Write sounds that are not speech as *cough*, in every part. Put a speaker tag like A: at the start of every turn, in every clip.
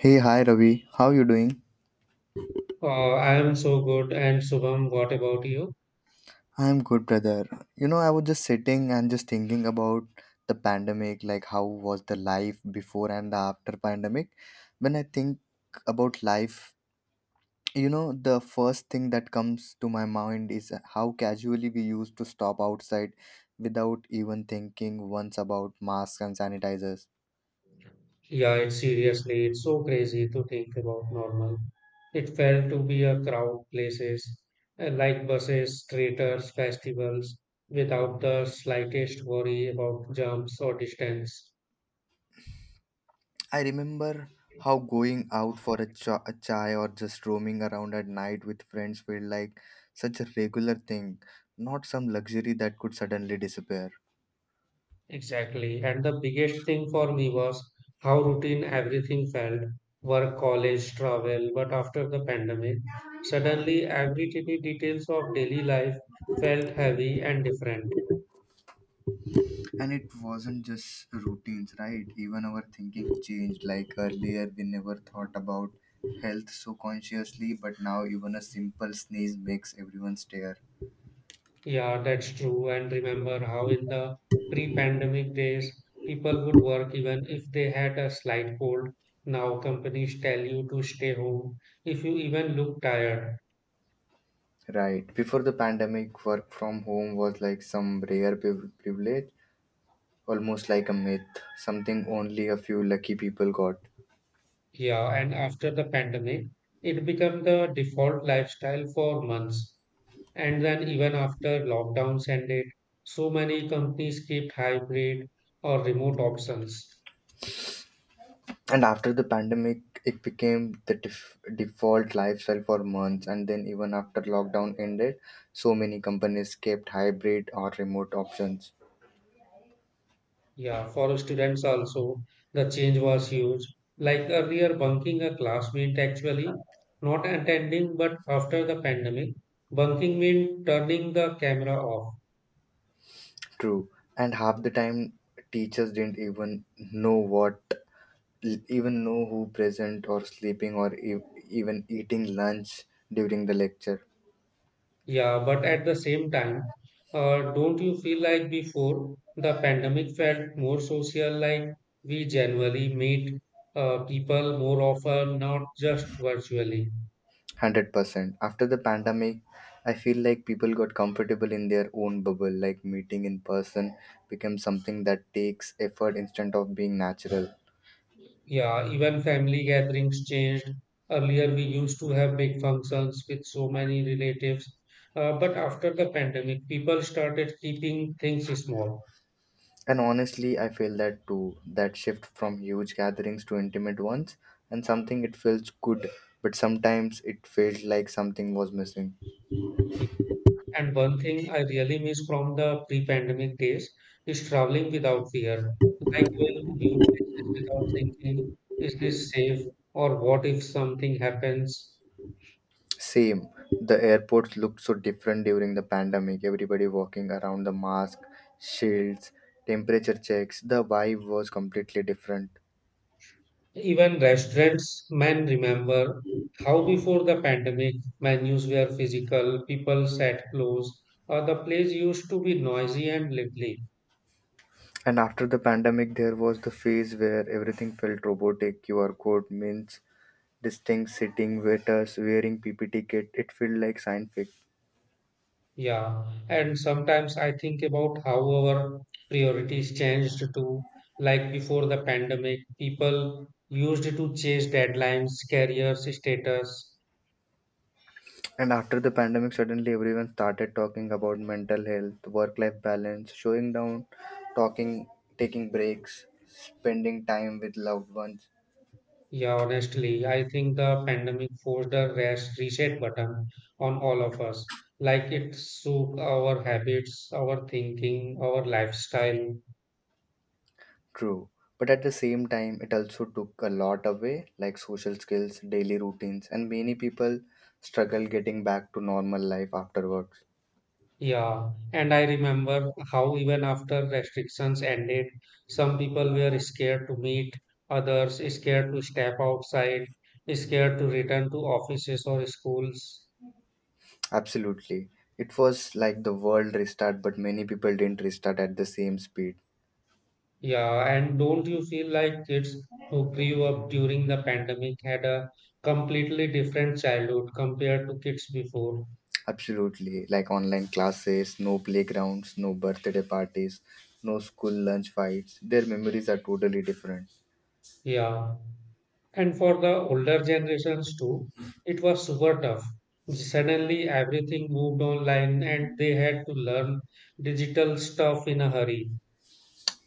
A: Hey, hi Ravi. How you doing?
B: I am so good. And Shubham, what about you?
A: I'm good, brother. You know, I was just sitting and just thinking about the pandemic, like how was the life before and the after pandemic. When I think about life, you know, the first thing that comes to my mind is how casually we used to stop outside without even thinking once about masks and sanitizers.
B: Yeah, it's seriously, it's so crazy to think about normal. It felt to be a crowd places, like buses, theaters, festivals, without the slightest worry about jumps or distance.
A: I remember how going out for a chai or just roaming around at night with friends felt like such a regular thing, not some luxury that could suddenly disappear.
B: Exactly. And the biggest thing for me was how routine everything felt, work, college, travel. But after the pandemic, suddenly every tiny details of daily life felt heavy and different.
A: And it wasn't just routines, right? Even our thinking changed. Like earlier, we never thought about health so consciously, but now even a simple sneeze makes everyone stare.
B: Yeah, that's true. And remember how in the pre-pandemic days, people would work even if they had a slight cold. Now companies tell you to stay home if you even look tired.
A: Right. Before the pandemic, work from home was like some rare privilege, almost like a myth, something only a few lucky people got.
B: Yeah, and after the pandemic, it became the default lifestyle for months. And then even after lockdowns ended, so many companies kept hybrid or remote options.
A: And after the pandemic, it became the default lifestyle for months. And then, even after lockdown ended, so many companies kept hybrid or remote options.
B: Yeah, for students also, the change was huge. Like earlier, bunking a class meant actually not attending, but after the pandemic, bunking meant turning the camera off.
A: True. And half the time, teachers didn't know what, even know who present or sleeping or even eating lunch during the lecture.
B: Yeah, but at the same time, don't you feel like before the pandemic felt more social, like we generally meet people more often, not just virtually?
A: 100%. After the pandemic, I feel like people got comfortable in their own bubble, like meeting in person became something that takes effort instead of being natural.
B: Yeah, even family gatherings changed. Earlier, we used to have big functions with so many relatives. But after the pandemic, people started keeping things small.
A: And honestly, I feel that too. That shift from huge gatherings to intimate ones, and something it feels good, but sometimes it felt like something was missing.
B: And one thing I really miss from the pre-pandemic days is traveling without fear, like going to new places without thinking, is this safe or what if something happens?
A: Same. The airports looked so different during the pandemic. Everybody walking around the mask, shields, temperature checks. The vibe was completely different.
B: Even restaurants men remember how before the pandemic menus were physical, people sat close, or the place used to be noisy and lively.
A: And after the pandemic, there was the phase where everything felt robotic. QR code means distinct sitting, waiters wearing PPT kit. It felt like science fiction.
B: Yeah, and sometimes I think about how our priorities changed too. Like before the pandemic, people used to chase deadlines, careers, status.
A: And after the pandemic, suddenly everyone started talking about mental health, work-life balance, showing down, talking, taking breaks, spending time with loved ones.
B: Yeah, honestly, I think the pandemic forced a rest reset button on all of us. Like it shook our habits, our thinking, our lifestyle.
A: True. But at the same time, it also took a lot away, like social skills, daily routines, and many people struggle getting back to normal life afterwards.
B: Yeah, and I remember how even after restrictions ended, some people were scared to meet others, scared to step outside, scared to return to offices or schools.
A: Absolutely. It was like the world restart, but many people didn't restart at the same speed.
B: Yeah, and don't you feel like kids who grew up during the pandemic had a completely different childhood compared to kids before?
A: Absolutely. Like online classes, no playgrounds, no birthday parties, no school lunch fights. Their memories are totally different.
B: Yeah. And for the older generations too, it was super tough. Suddenly everything moved online and they had to learn digital stuff in a hurry.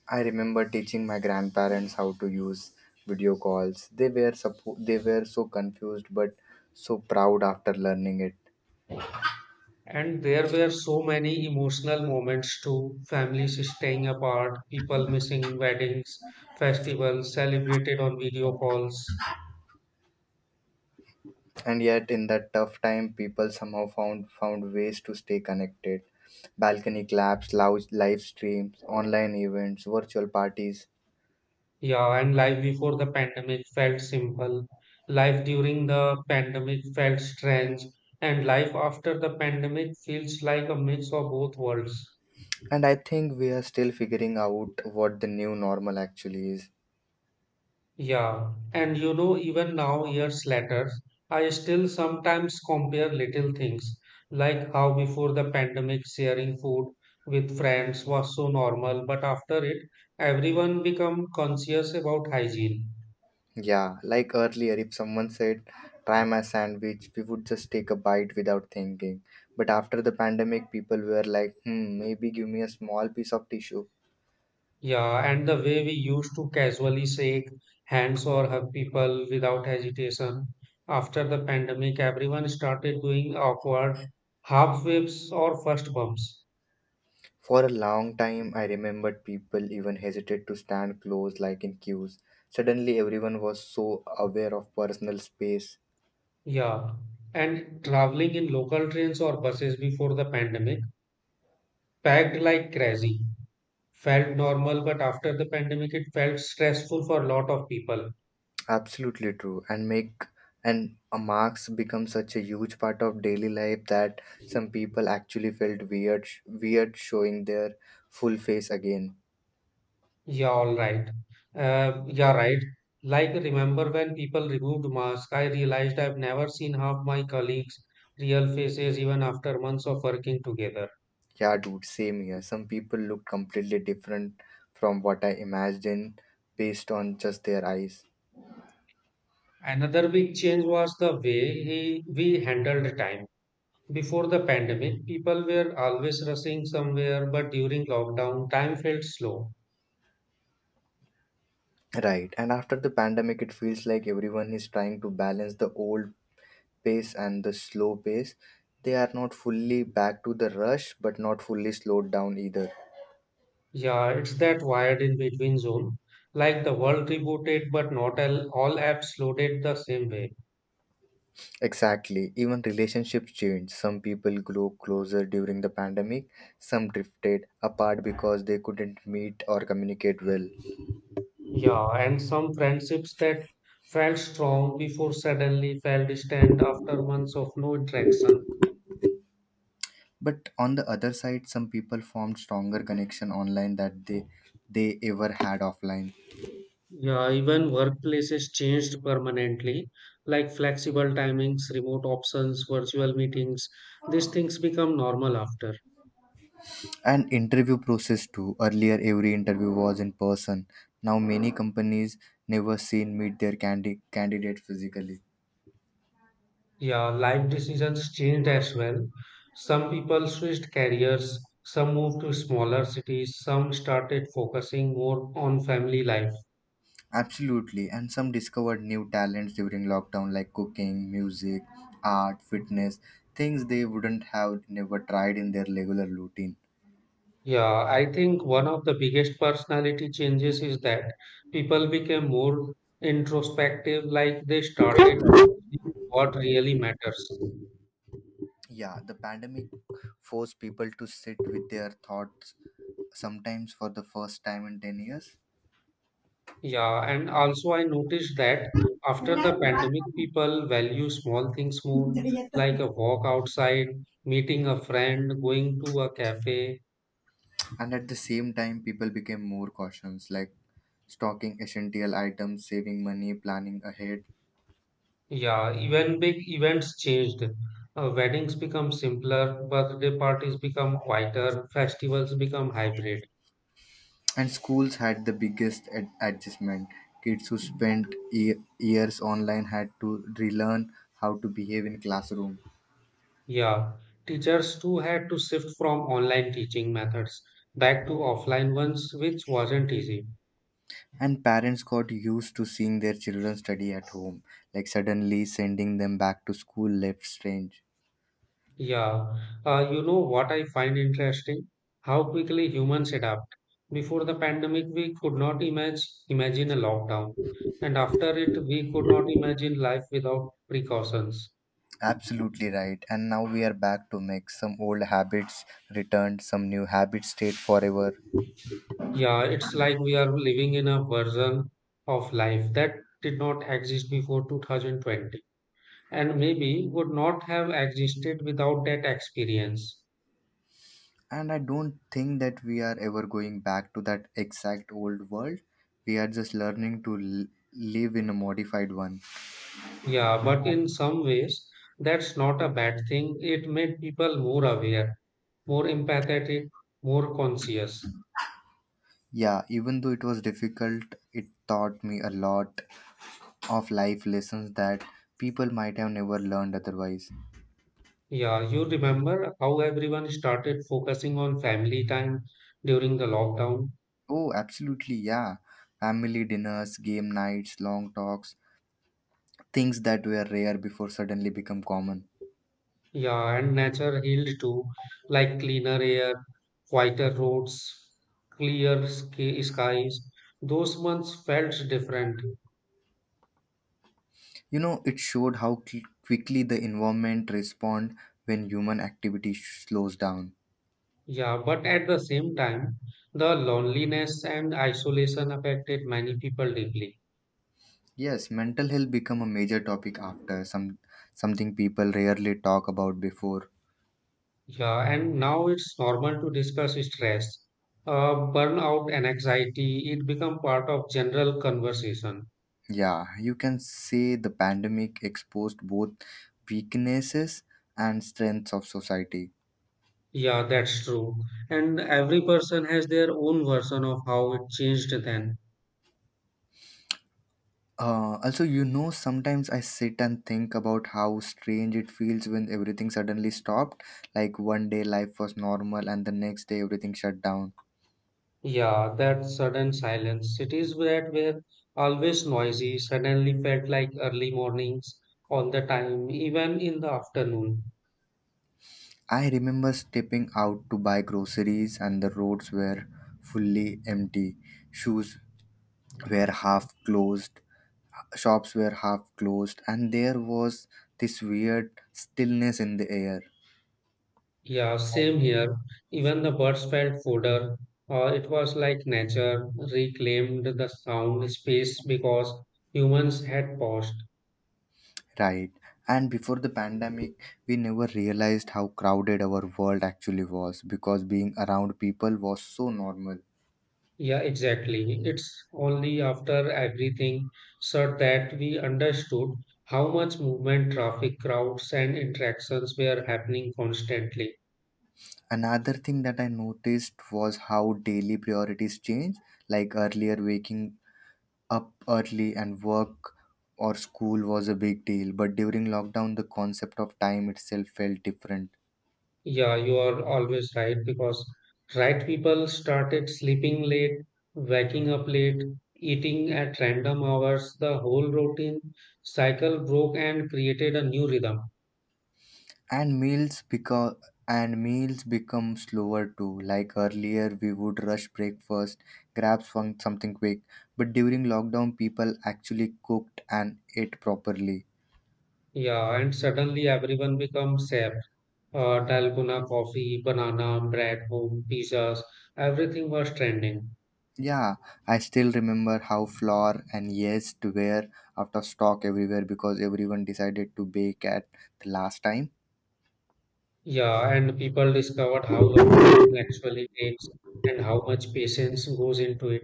A: I remember teaching my grandparents how to use video calls. They were so confused but so proud after learning it.
B: And there were so many emotional moments too, families staying apart, people missing weddings, festivals celebrated on video calls.
A: And yet in that tough time, people somehow found ways to stay connected. Balcony claps, loud live streams, online events, virtual parties.
B: Yeah, and life before the pandemic felt simple. Life during the pandemic felt strange. And life after the pandemic feels like a mix of both worlds.
A: And I think we are still figuring out what the new normal actually is.
B: Yeah. And you know, even now, years later, I still sometimes compare little things, like how before the pandemic, sharing food with friends was so normal, but after it, everyone become conscious about hygiene.
A: Yeah, like earlier if someone said try my sandwich, we would just take a bite without thinking. But after the pandemic, people were like, hmm, maybe give me a small piece of tissue.
B: Yeah, and the way we used to casually shake hands or hug people without hesitation. After the pandemic, everyone started doing awkward half waves or first bumps.
A: For a long time, I remembered people even hesitated to stand close, like in queues. Suddenly, everyone was so aware of personal space.
B: Yeah, and traveling in local trains or buses before the pandemic, packed like crazy. Felt normal, but after the pandemic, it felt stressful for a lot of people.
A: Absolutely true, and a marks become such a huge part of daily life that some people actually felt weird showing their full face again.
B: Yeah, all right. Yeah, right. Like, remember when people removed masks, I realized I've never seen half my colleagues' real faces even after months of working together.
A: Yeah, dude, same here. Some people look completely different from what I imagined based on just their eyes.
B: Another big change was the way we handled time. Before the pandemic, people were always rushing somewhere, but during lockdown, time felt slow.
A: Right. And after the pandemic, it feels like everyone is trying to balance the old pace and the slow pace. They are not fully back to the rush, but not fully slowed down either.
B: Yeah, it's that wired in between zone. Like the world rebooted, but not all apps loaded the same way.
A: Exactly. Even relationships change. Some people grew closer during the pandemic, some drifted apart because they couldn't meet or communicate well.
B: Yeah, and some friendships that felt strong before suddenly fell distant after months of no interaction.
A: But on the other side, some people formed stronger connection online that they ever had offline.
B: Yeah, even workplaces changed permanently, like flexible timings, remote options, virtual meetings. These things become normal after.
A: And interview process too. Earlier every interview was in person. Now many companies never seen meet their candidate physically.
B: Yeah, life decisions changed as well. Some people switched careers, some moved to smaller cities, some started focusing more on family life.
A: Absolutely. And some discovered new talents during lockdown like cooking, music, art, fitness, things they wouldn't have never tried in their regular routine.
B: Yeah, I think one of the biggest personality changes is that people became more introspective, like they started seeing what really matters.
A: Yeah, the pandemic forced people to sit with their thoughts sometimes for the first time in 10 years.
B: Yeah, and also I noticed that after the pandemic, people value small things more,
A: Yes.
B: like a
A: *laughs*
B: walk outside, meeting a friend, going to a cafe.
A: And at the same time, people became more cautious, like stocking essential items, saving money, planning ahead.
B: Yeah, even big events changed. Weddings become simpler, birthday parties become quieter, festivals become hybrid.
A: And schools had the biggest adjustment. Kids who spent years online had to relearn how to behave in classroom.
B: Yeah, teachers too had to shift from online teaching methods back to offline ones, which wasn't easy.
A: And parents got used to seeing their children study at home, like suddenly sending them back to school left strange.
B: Yeah, you know what I find interesting? How quickly humans adapt. Before the pandemic, we could not imagine a lockdown, and after it, we could not imagine life without precautions.
A: Absolutely right. And now we are back to mix. Some old habits returned, some new habits stayed forever.
B: Yeah, it's like we are living in a version of life that did not exist before 2020, and maybe would not have existed without that experience.
A: And I don't think that we are ever going back to that exact old world. We are just learning to live in a modified one.
B: Yeah, but in some ways, that's not a bad thing. It made people more aware, more empathetic, more conscious.
A: Yeah, even though it was difficult, it taught me a lot of life lessons that people might have never learned otherwise.
B: Yeah, you remember how everyone started focusing on family time during the lockdown?
A: Oh, absolutely, yeah. Family dinners, game nights, long talks, things that were rare before suddenly become common.
B: Yeah, and nature healed too, like cleaner air, quieter roads, clear skies. Those months felt different.
A: You know, it showed how quickly the environment respond when human activity slows down.
B: Yeah, but at the same time, the loneliness and isolation affected many people deeply.
A: Yes, mental health become a major topic after something people rarely talk about before.
B: Yeah, and now it's normal to discuss stress, burnout, and anxiety. It become part of general conversation.
A: Yeah, you can say the pandemic exposed both weaknesses and strengths of society.
B: Yeah, that's true. And every person has their own version of how it changed then.
A: Also, sometimes I sit and think about how strange it feels when everything suddenly stopped. Like one day life was normal and the next day everything shut down.
B: Yeah, that sudden silence. Cities that were always noisy suddenly felt like early mornings all the time, even in the afternoon.
A: I remember stepping out to buy groceries, and the roads were fully empty. Shoes were half closed, shops were half closed, and there was this weird stillness in the air.
B: Yeah, same here. Even the birds felt fodder. It was like nature reclaimed the sound space because humans had paused.
A: Right. And before the pandemic, we never realized how crowded our world actually was because being around people was so normal.
B: Yeah, exactly. It's only after everything said that we understood how much movement, traffic, crowds, and interactions were happening constantly.
A: Another thing that I noticed was how daily priorities change. Like earlier, waking up early and work or school was a big deal, but during lockdown the concept of time itself felt different.
B: Yeah, you are always right because right people started sleeping late, waking up late, eating at random hours. The whole routine cycle broke and created a new rhythm.
A: And meals because and meals become slower too. Like earlier we would rush breakfast, grab something quick, but during lockdown people actually cooked and ate properly.
B: Yeah, and suddenly everyone becomes safe. Dalgona coffee, banana, bread, home, pizzas, everything was trending.
A: Yeah, I still remember how flour and yeast were out of stock everywhere because everyone decided to bake at the last time.
B: Yeah, and people discovered how long cooking actually takes and how much patience goes into it.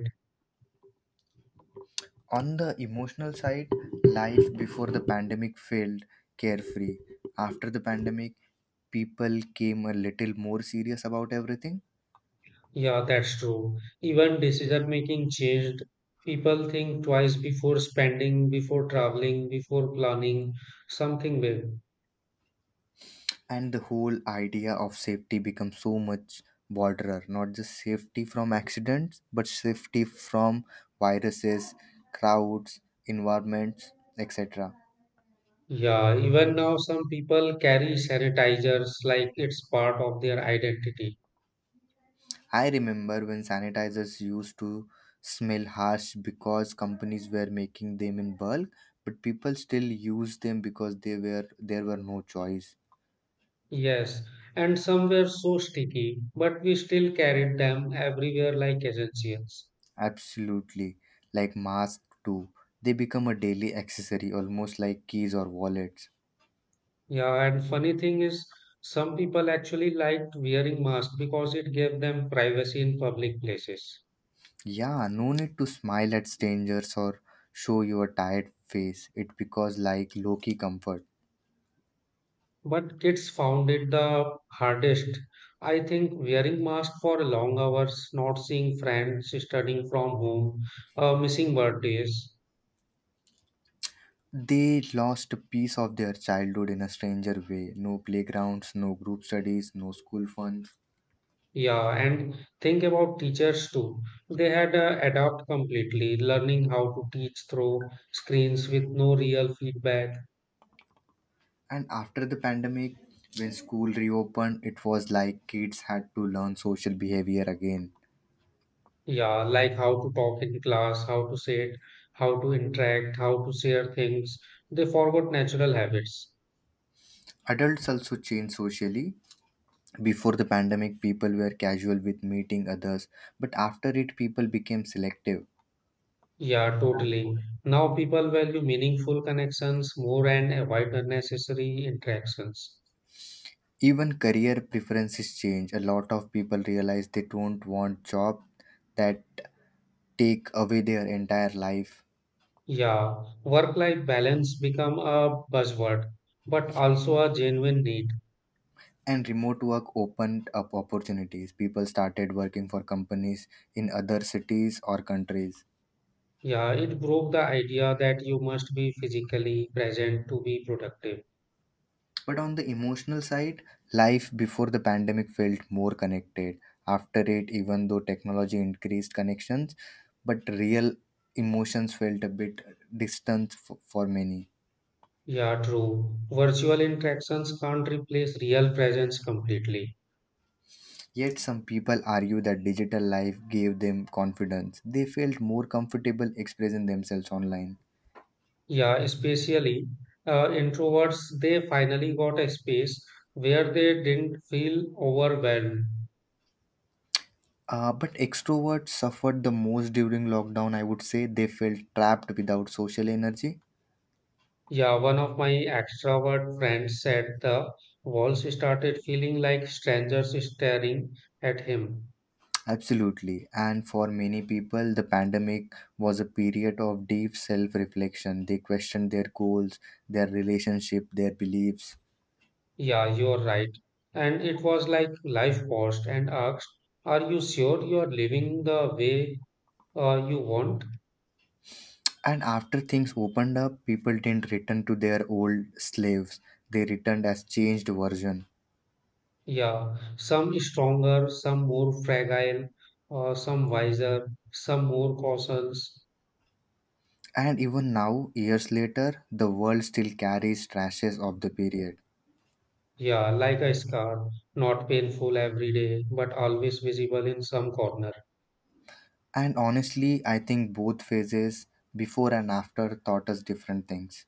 A: On the emotional side, life before the pandemic felt carefree. After the pandemic, people came a little more serious about everything,
B: Yeah, that's true. Even decision making changed. People think twice before spending, before traveling, before planning something big.
A: and the whole idea of safety becomes so much broader. Not just safety from accidents, but safety from viruses, crowds, environments, etc.
B: Yeah, even now some people carry sanitizers like it's part of their identity.
A: I remember when sanitizers used to smell harsh because companies were making them in bulk, but people still used them because they were there were no choice.
B: Yes, and some were so sticky, but we still carried them everywhere like essentials.
A: Absolutely. Like masks too. They become a daily accessory almost like keys or wallets.
B: Yeah, and funny thing is, some people actually liked wearing masks because it gave them privacy in public places.
A: Yeah, no need to smile at strangers or show your tired face. It because like low key comfort.
B: But kids found it the hardest. I think wearing mask for long hours, not seeing friends, studying from home, missing birthdays.
A: They lost a piece of their childhood in a stranger way. No playgrounds, no group studies, no school fun.
B: Yeah, and think about teachers too. They had adapt completely, learning how to teach through screens with no real feedback.
A: And after the pandemic, when school reopened, it was like kids had to learn social behavior again.
B: Yeah, like how to talk in class, how to sit, how to interact, how to share things. They forgot natural habits.
A: Adults also changed socially. Before the pandemic, people were casual with meeting others, but after it, people became selective.
B: Yeah, totally. Now people value meaningful connections more and avoid unnecessary interactions.
A: Even career preferences change. A lot of people realize they don't want job that take away their entire life.
B: Yeah, work-life balance become a buzzword, but also a genuine need.
A: And remote work opened up opportunities. People started working for companies in other cities or countries.
B: Yeah, it broke the idea that you must be physically present to be productive.
A: But on the emotional side, life before the pandemic felt more connected. After it, even though technology increased connections, but real emotions felt a bit distant for many.
B: Yeah, true. Virtual interactions can't replace real presence completely.
A: Yet, some people argue that digital life gave them confidence. They felt more comfortable expressing themselves online.
B: Yeah, especially introverts, they finally got a space where they didn't feel overwhelmed.
A: But extroverts suffered the most during lockdown, I would say. They felt trapped without social energy.
B: Yeah, one of my extrovert friends said the walls started feeling like strangers staring at him.
A: Absolutely. And for many people, the pandemic was a period of deep self reflection. They questioned their goals, their relationship, their beliefs.
B: Yeah, you're right. And it was like life paused and asked, are you sure you're living the way you want?
A: And after things opened up, people didn't return to their old slaves. They returned as changed version.
B: Yeah, some stronger, some more fragile, some wiser, some more cautious.
A: And even now, years later, the world still carries traces of the period.
B: Yeah, like a scar, not painful every day, but always visible in some corner.
A: And honestly, I think both phases, before and after, taught us different things.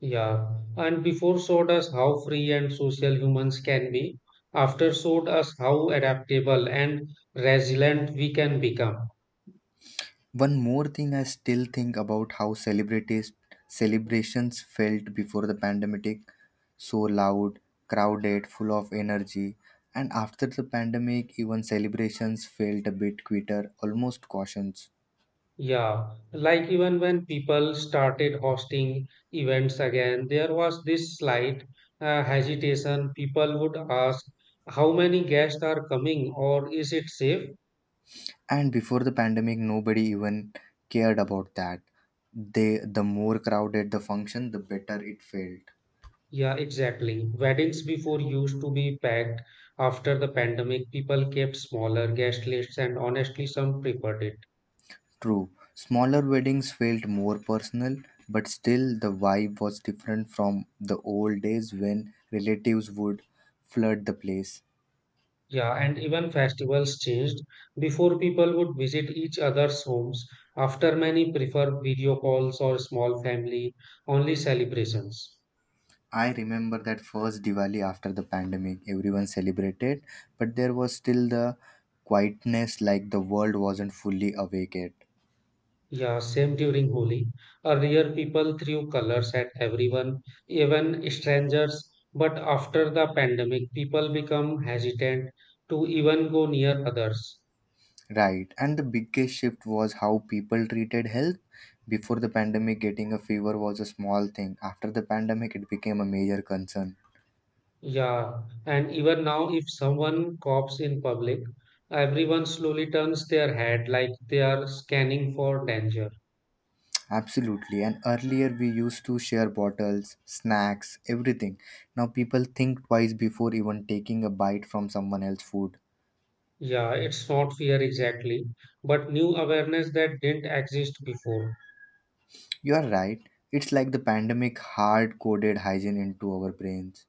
B: Yeah, and before showed us how free and social humans can be, after showed us how adaptable and resilient we can become.
A: One more thing I still think about how celebrities celebrations felt before the pandemic, so loud, crowded, full of energy. And after the pandemic, even celebrations felt a bit quieter, almost cautious.
B: Yeah, like even when people started hosting events again, there was this slight hesitation. People would ask, how many guests are coming, or is it safe?
A: And before the pandemic, nobody even cared about that. The more crowded the function, the better it felt.
B: Yeah, exactly. Weddings before used to be packed. After the pandemic, people kept smaller guest lists, and honestly, some preferred it.
A: True, smaller weddings felt more personal, but still the vibe was different from the old days when relatives would flood the place.
B: Yeah, and even festivals changed. Before, people would visit each other's homes. After, many prefer video calls or small family only celebrations.
A: I remember that first Diwali after the pandemic, everyone celebrated, but there was still the quietness like the world wasn't fully awake yet.
B: Yeah, same during Holi. Earlier, people threw colors at everyone, even strangers. But after the pandemic, people become hesitant to even go near others.
A: Right, and the biggest shift was how people treated health. Before the pandemic, getting a fever was a small thing. After the pandemic, it became a major concern.
B: Yeah, and even now, if someone coughs in public, everyone slowly turns their head like they are scanning for danger.
A: Absolutely. And earlier we used to share bottles, snacks, everything. Now people think twice before even taking a bite from someone else's food.
B: Yeah, it's not fear exactly, but new awareness that didn't exist before.
A: You are right. It's like the pandemic hard coded hygiene into our brains.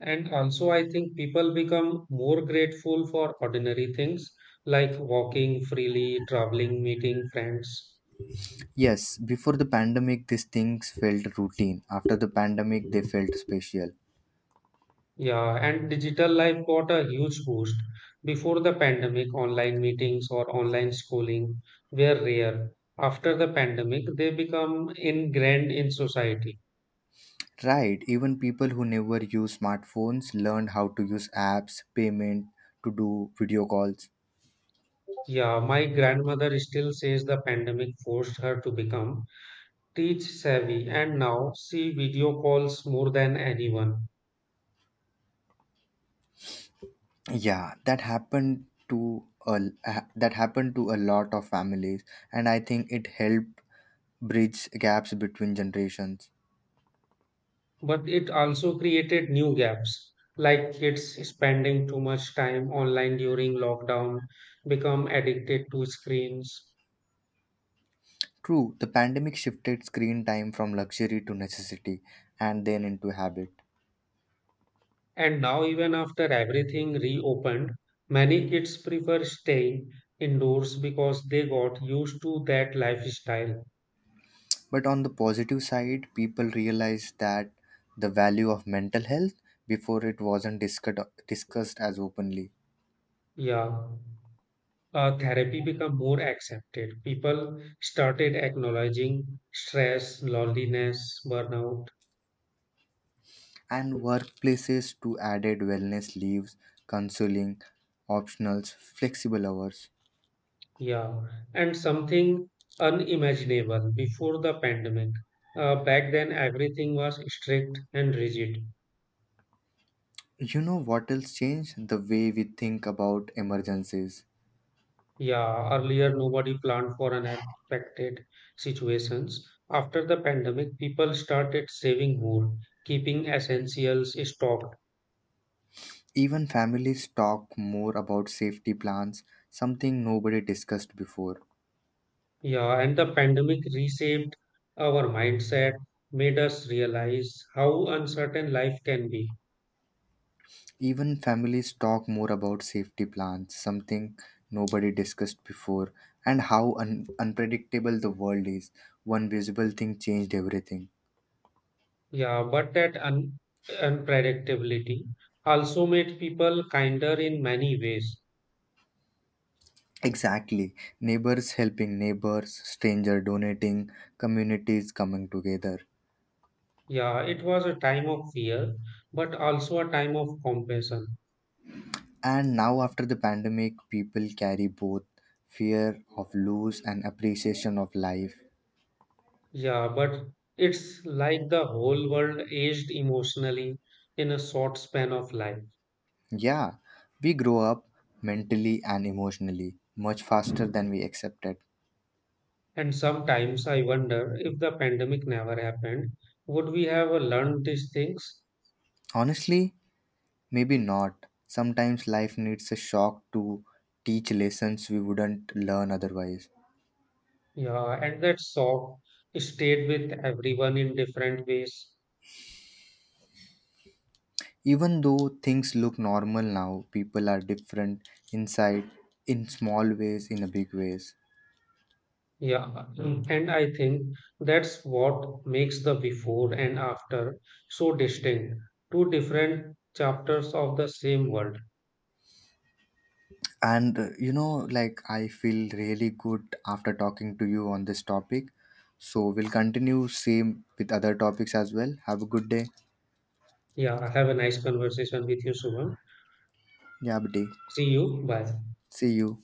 B: And also, I think people become more grateful for ordinary things like walking freely, traveling, meeting friends.
A: Yes, before the pandemic, these things felt routine. After the pandemic, they felt special.
B: Yeah, and digital life got a huge boost. Before the pandemic, online meetings or online schooling were rare. After the pandemic, they become ingrained in society.
A: Right, even people who never use smartphones learned how to use apps, payment, to do video calls.
B: Yeah, my grandmother still says the pandemic forced her to become teach savvy, and now she video calls more than anyone.
A: Yeah, that happened to a lot of families, and I think it helped bridge gaps between generations.
B: But it also created new gaps, like kids spending too much time online during lockdown, become addicted to screens.
A: True, the pandemic shifted screen time from luxury to necessity and then into habit.
B: And now, even after everything reopened, many kids prefer staying indoors because they got used to that lifestyle.
A: But on the positive side, people realized that the value of mental health before it wasn't discussed as openly.
B: Yeah. Therapy became more accepted. People started acknowledging stress, loneliness, burnout.
A: And workplaces too added wellness leaves, counseling, optionals, flexible hours.
B: Yeah. And something unimaginable before the pandemic. Back then, everything was strict and rigid.
A: You know what else changed? The way we think about emergencies.
B: Yeah, earlier nobody planned for unexpected situations. After the pandemic, people started saving more, keeping essentials stocked.
A: Even families talk more about safety plans, something nobody discussed before.
B: Yeah, and the pandemic reshaped our mindset, made us realize how uncertain life can be.
A: Even families talk more about safety plans, something nobody discussed before, and how unpredictable the world is. One visible thing changed everything.
B: Yeah, but that un unpredictability also made people kinder in many ways.
A: Exactly. Neighbors helping neighbors, stranger donating, communities coming together.
B: Yeah, it was a time of fear, but also a time of compassion.
A: And now, after the pandemic, people carry both fear of loss and appreciation of life.
B: Yeah, but it's like the whole world aged emotionally in a short span of life.
A: Yeah, we grow up mentally and emotionally much faster than we accepted.
B: And sometimes I wonder if the pandemic never happened, would we have learned these things?
A: Honestly, maybe not. Sometimes life needs a shock to teach lessons we wouldn't learn otherwise.
B: Yeah, and that shock stayed with everyone in different ways.
A: Even though things look normal now, people are different inside, in small ways, in a big ways.
B: Yeah, Mm. and I think that's what makes the before and after so distinct. Two different chapters of the same world.
A: And like I feel really good after talking to you on this topic. So we'll continue same with other topics as well. Have a good day.
B: Yeah, have a nice conversation with you, Shubham.
A: Yeah, buddy.
B: See you. Bye.
A: See you.